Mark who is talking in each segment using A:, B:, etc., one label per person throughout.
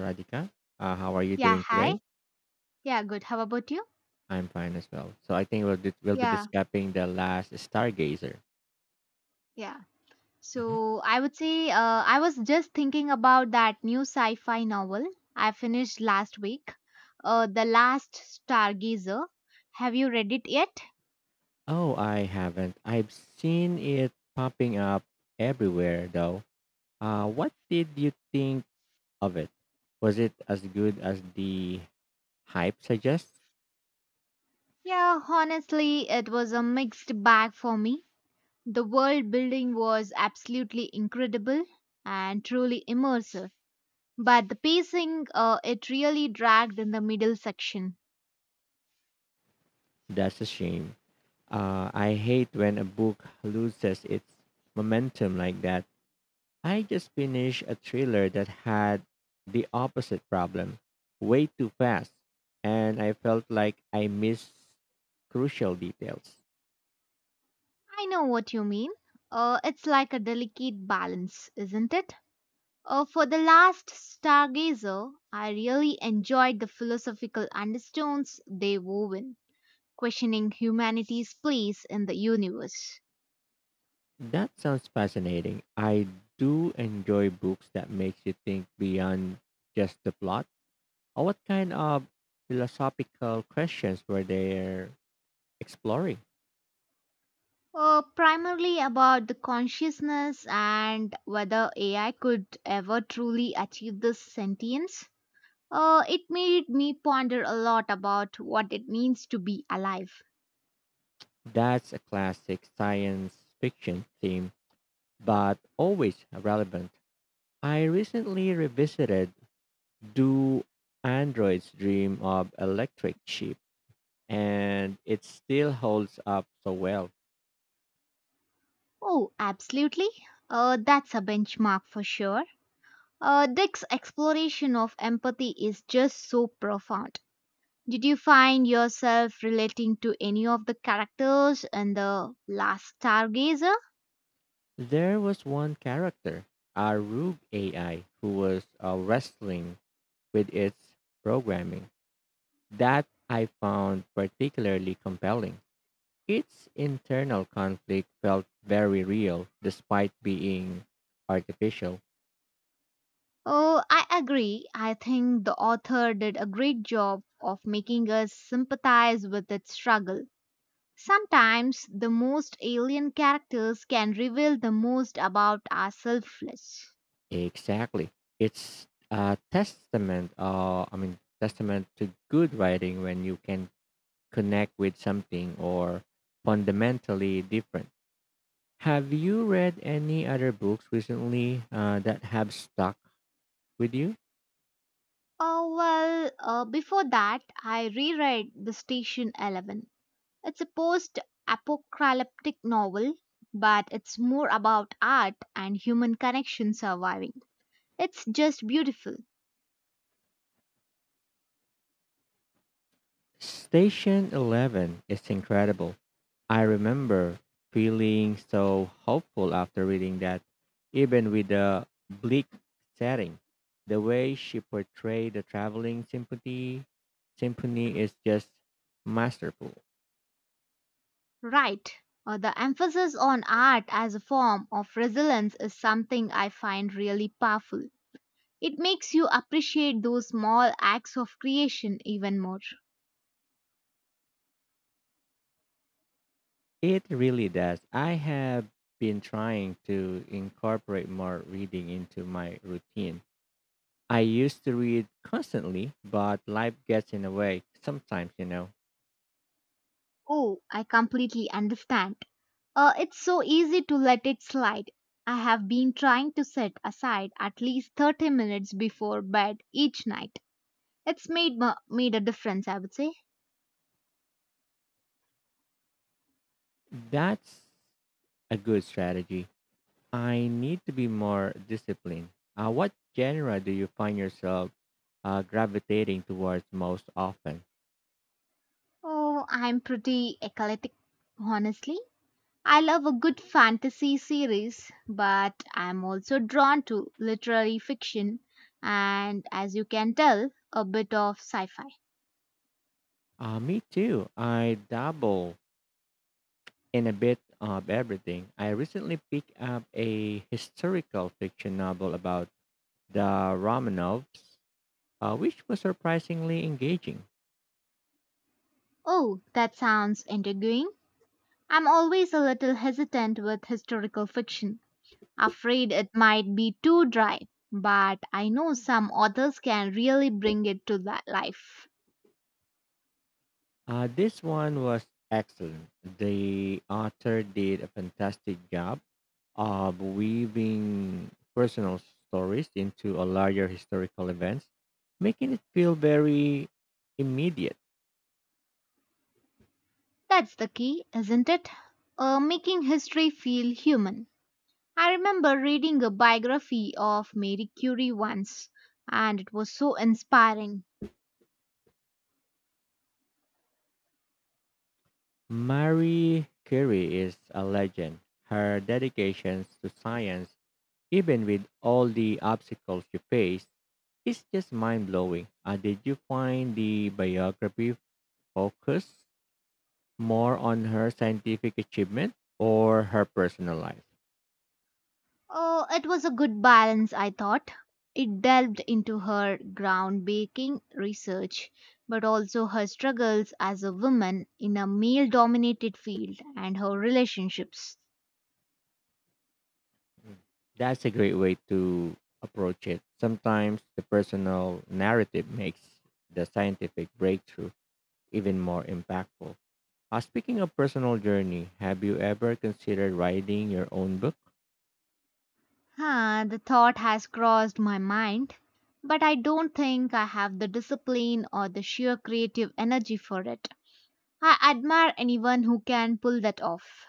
A: Radhika. How are you
B: Yeah,
A: doing
B: hi.
A: today?
B: Yeah, good. How about you?
A: I'm fine as well. So I think we'll be
B: Yeah,
A: discussing the last Stargazer.
B: yeah.
A: Mhm.
B: So I would say I was just thinking about that new sci fi novel I finished last week, The Last Stargazer. Have you read it yet?
A: Oh, I haven't. I've seen it popping up everywhere though. What did you think of it? Was it as good as the hype suggests?
B: Yeah, honestly, it was a mixed bag for me. The world building was absolutely incredible and truly immersive, but the pacing, it really dragged in the middle section.
A: That's a shame. I hate when a book loses its momentum like that. I just finished a thriller that had the opposite problem way too fast, and I felt like I missed crucial details.
B: I know what you mean. It's like a delicate balance, isn't it? For The Last Stargazer, I really enjoyed the philosophical undertones they wove in, questioning humanity's place in the universe.
A: That sounds fascinating. I do enjoy books that makes you think beyond just the plot. What kind of philosophical questions were they exploring?
B: Primarily about the consciousness and whether AI could ever truly achieve this sentience. It made me ponder a lot about what it means to be alive.
A: That's a classic science fiction theme, but always relevant. I recently revisited Do Androids Dream of Electric Sheep, and it still holds up so well.
B: Oh, absolutely. That's a benchmark for sure. Dick's exploration of empathy is just so profound. Did you find yourself relating to any of the characters in The Last Stargazer?
A: There was one character, a rogue AI, who was wrestling with its programming. That I found particularly compelling. Its internal conflict felt very real despite being artificial.
B: Oh, I agree. I think the author did a great job of making us sympathize with its struggle. Sometimes the most alien characters can reveal the most about our selfless.
A: Exactly. It's a testament to good writing when you can connect with something or fundamentally different. Have you read any other books recently that have stuck with you?
B: Oh, well, before that, I reread The Station Eleven. It's a post apocalyptic novel, but it's more about art and human connection surviving. It's just beautiful.
A: Station 11 is incredible. I remember feeling so hopeful after reading that, even with the bleak setting. The way she portrayed the traveling symphony is just masterful.
B: Right. The emphasis on art as a form of resilience is something I find really powerful. It makes you appreciate those small acts of creation even more.
A: It really does. I have been trying to incorporate more reading into my routine. I used to read constantly, but life gets in the way sometimes, you know.
B: Oh, I completely understand. It's so easy to let it slide. I have been trying to set aside at least 30 minutes before bed each night. It's made a difference, I would say.
A: That's a good strategy. I need to be more disciplined. What genre do you find yourself gravitating towards most often?
B: Oh, I'm pretty eclectic, honestly. I love a good fantasy series, but I'm also drawn to literary fiction and as you can tell, a bit of sci-fi.
A: Me too. I dabble in a bit of everything. I recently picked up a historical fiction novel about the Romanovs, which was surprisingly engaging.
B: Oh, that sounds intriguing. I'm always a little hesitant with historical fiction, afraid it might be too dry, but I know some authors can really bring it to life.
A: This one was excellent. The author did a fantastic job of weaving personal stories into a larger historical events, making it feel very immediate.
B: That's the key, isn't it? Making history feel human. I remember reading a biography of Mary Curie once, and it was so inspiring.
A: Marie Curie is a legend. Her dedication to science, even with all the obstacles she faced, is just mind blowing. Did you find the biography focused more on her scientific achievement or her personal life?
B: Oh, it was a good balance, I thought. It delved into her groundbreaking research, but also her struggles as a woman in a male dominated field and her relationships.
A: Mm. That's a great way to approach it. Sometimes the personal narrative makes the scientific breakthrough even more impactful. Speaking of personal journey, have you ever considered writing your own book?
B: Ah, the thought has crossed my mind, but I don't think I have the discipline or the sheer creative energy for it. I admire anyone who can pull that off.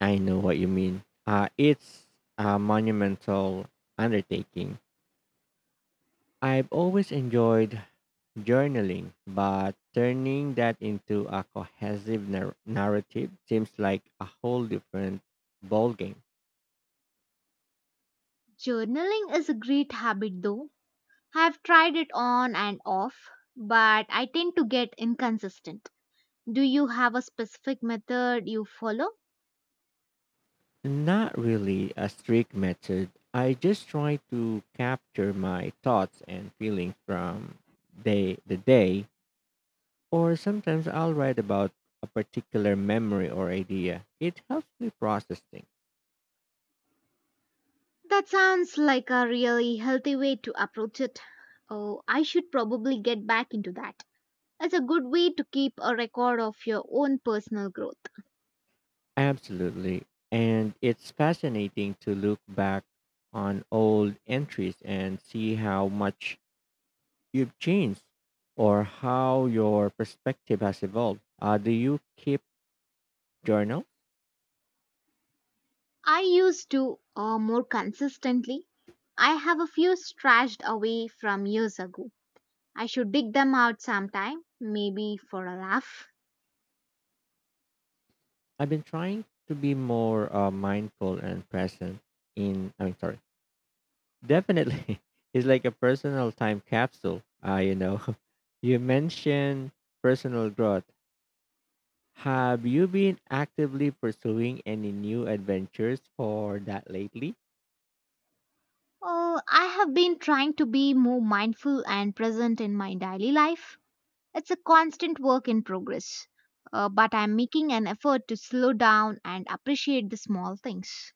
A: I know what you mean. It's a monumental undertaking. I've always enjoyed journaling, but turning that into a cohesive narrative seems like a whole different ballgame.
B: Journaling is a great habit, though. I've tried it on and off, but I tend to get inconsistent. Do you have a specific method you follow?
A: Not really a strict method. I just try to capture my thoughts and feelings from day the day, or sometimes I'll write about a particular memory or idea. It helps me process things.
B: That sounds like a really healthy way to approach it. Oh, I should probably get back into that. It's a good way to keep a record of your own personal growth.
A: Absolutely. And it's fascinating to look back on old entries and see how much you've changed or how your perspective has evolved. Do you keep journal?
B: I used to more consistently. I have a few stashed away from years ago. I should dig them out sometime, maybe for a laugh.
A: I've been trying to be more mindful and present in, I mean, sorry, definitely. It's like a personal time capsule. You mentioned personal growth. Have you been actively pursuing any new adventures for that lately?
B: Oh, I have been trying to be more mindful and present in my daily life. It's a constant work in progress, but I'm making an effort to slow down and appreciate the small things.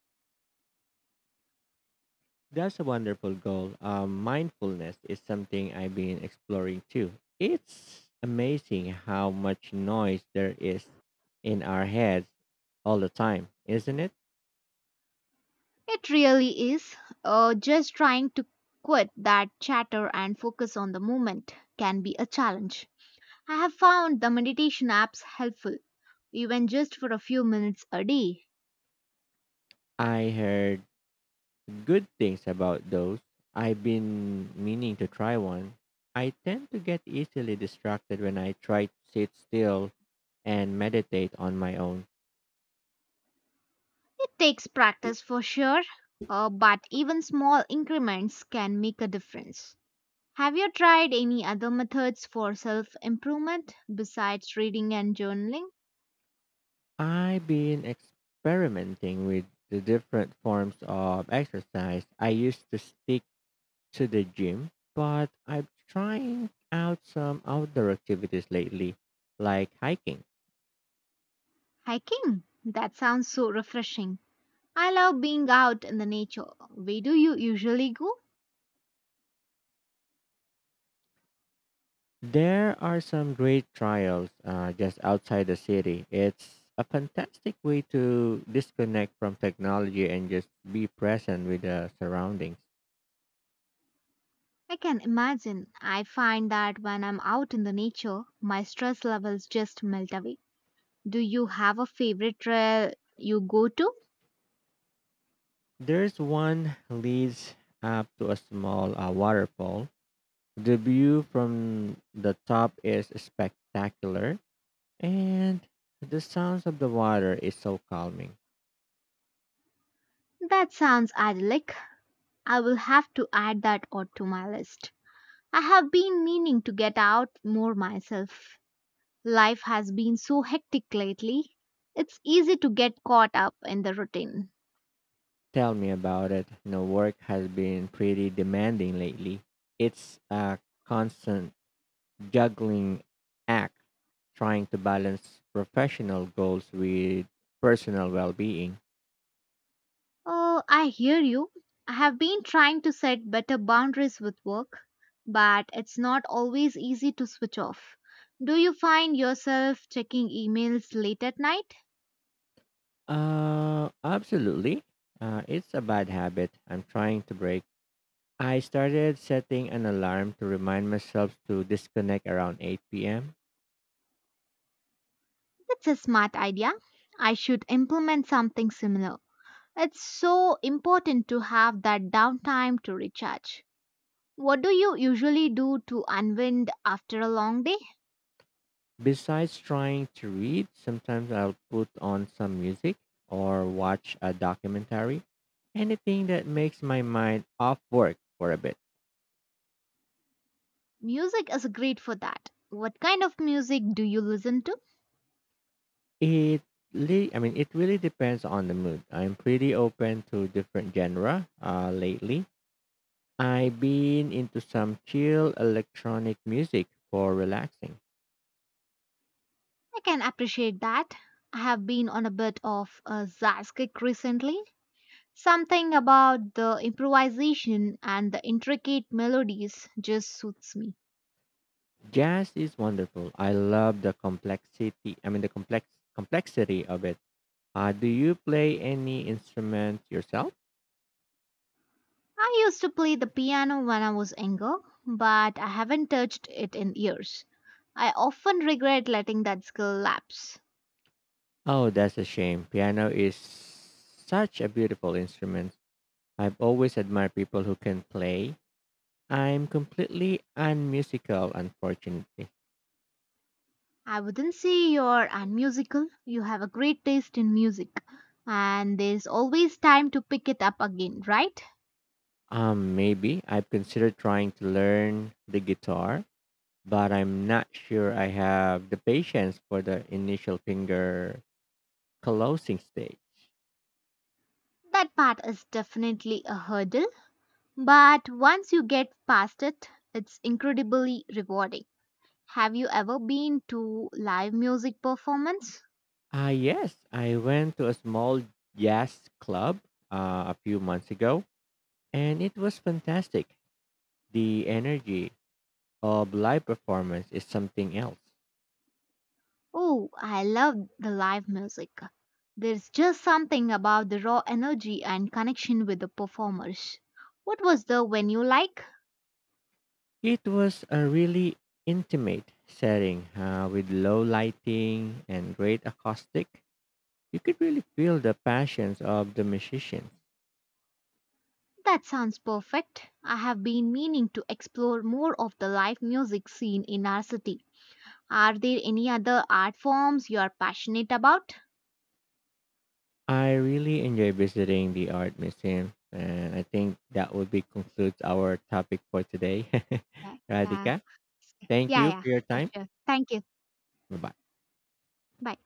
A: That's a wonderful goal. Mindfulness is something I've been exploring too. It's amazing how much noise there is in our heads all the time, isn't it?
B: It really is. Just trying to quit that chatter and focus on the moment can be a challenge. I have found the meditation apps helpful, even just for a few minutes a day.
A: I heard good things about those. I've been meaning to try one. I tend to get easily distracted when I try to sit still and meditate on my own.
B: It takes practice for sure, but even small increments can make a difference. Have you tried any other methods for self improvement besides reading and journaling?
A: I've been experimenting with the different forms of exercise. I used to stick to the gym, but I'm trying out some outdoor activities lately, like hiking.
B: Hiking? That sounds so refreshing. I love being out in the nature. Where do you usually go?
A: There are some great trails just outside the city. It's a fantastic way to disconnect from technology and just be present with the surroundings.
B: I can imagine. I find that when I'm out in the nature, my stress levels just melt away. Do you have a favorite trail you go to?
A: There's one leads up to a small waterfall. The view from the top is spectacular, and the sounds of the water is so calming.
B: That sounds idyllic. I will have to add that odd to my list. I have been meaning to get out more myself. Life has been so hectic lately. It's easy to get caught up in the routine.
A: Tell me about it. You know, work has been pretty demanding lately. It's a constant juggling act trying to balance professional goals with personal well being.
B: Oh, I hear you. I have been trying to set better boundaries with work, but it's not always easy to switch off. Do you find yourself checking emails late at night?
A: Absolutely. It's a bad habit I'm trying to break. I started setting an alarm to remind myself to disconnect around 8 p.m.
B: That's a smart idea. I should implement something similar. It's so important to have that downtime to recharge. What do you usually do to unwind after a long day?
A: Besides trying to read, sometimes I'll put on some music or watch a documentary. Anything that makes my mind off work for a bit.
B: Music is great for that. What kind of music do you listen to?
A: It I mean it really depends on the mood. I'm pretty open to different genre lately. I've been into some chill electronic music for relaxing.
B: I can appreciate that. I have been on a bit of a jazz kick recently. Something about the improvisation and the intricate melodies just suits me.
A: Jazz is wonderful. I love the complexity. I mean the complex complexity of it. Do you play any instrument yourself?
B: I used to play the piano when I was younger, but I haven't touched it in years. I often regret letting that skill lapse.
A: Oh, that's a shame. Piano is such a beautiful instrument. I've always admired people who can play. I'm completely unmusical, unfortunately.
B: I wouldn't say you're unmusical, you have a great taste in music, and there's always time to pick it up again, right?
A: Maybe I've considered trying to learn the guitar, but I'm not sure I have the patience for the initial finger closing stage.
B: That part is definitely a hurdle, but once you get past it, it's incredibly rewarding. Have you ever been to live music performance?
A: Ah, yes, I went to a small jazz club a few months ago, and it was fantastic. The energy of live performance is something else.
B: Oh, I love the live music. There's just something about the raw energy and connection with the performers. What was the venue like?
A: It was a really intimate setting with low lighting and great acoustic. You could really feel the passions of the musicians.
B: That sounds perfect. I have been meaning to explore more of the live music scene in our city. Are there any other art forms you are passionate about?
A: I really enjoy visiting the art museum, and I think that would be concludes our topic for today.
B: Yeah, yeah,
A: Radhika, thank
B: yeah,
A: you
B: yeah,
A: for your
B: for
A: time.
B: sure. Thank you.
A: Bye bye.
B: Bye.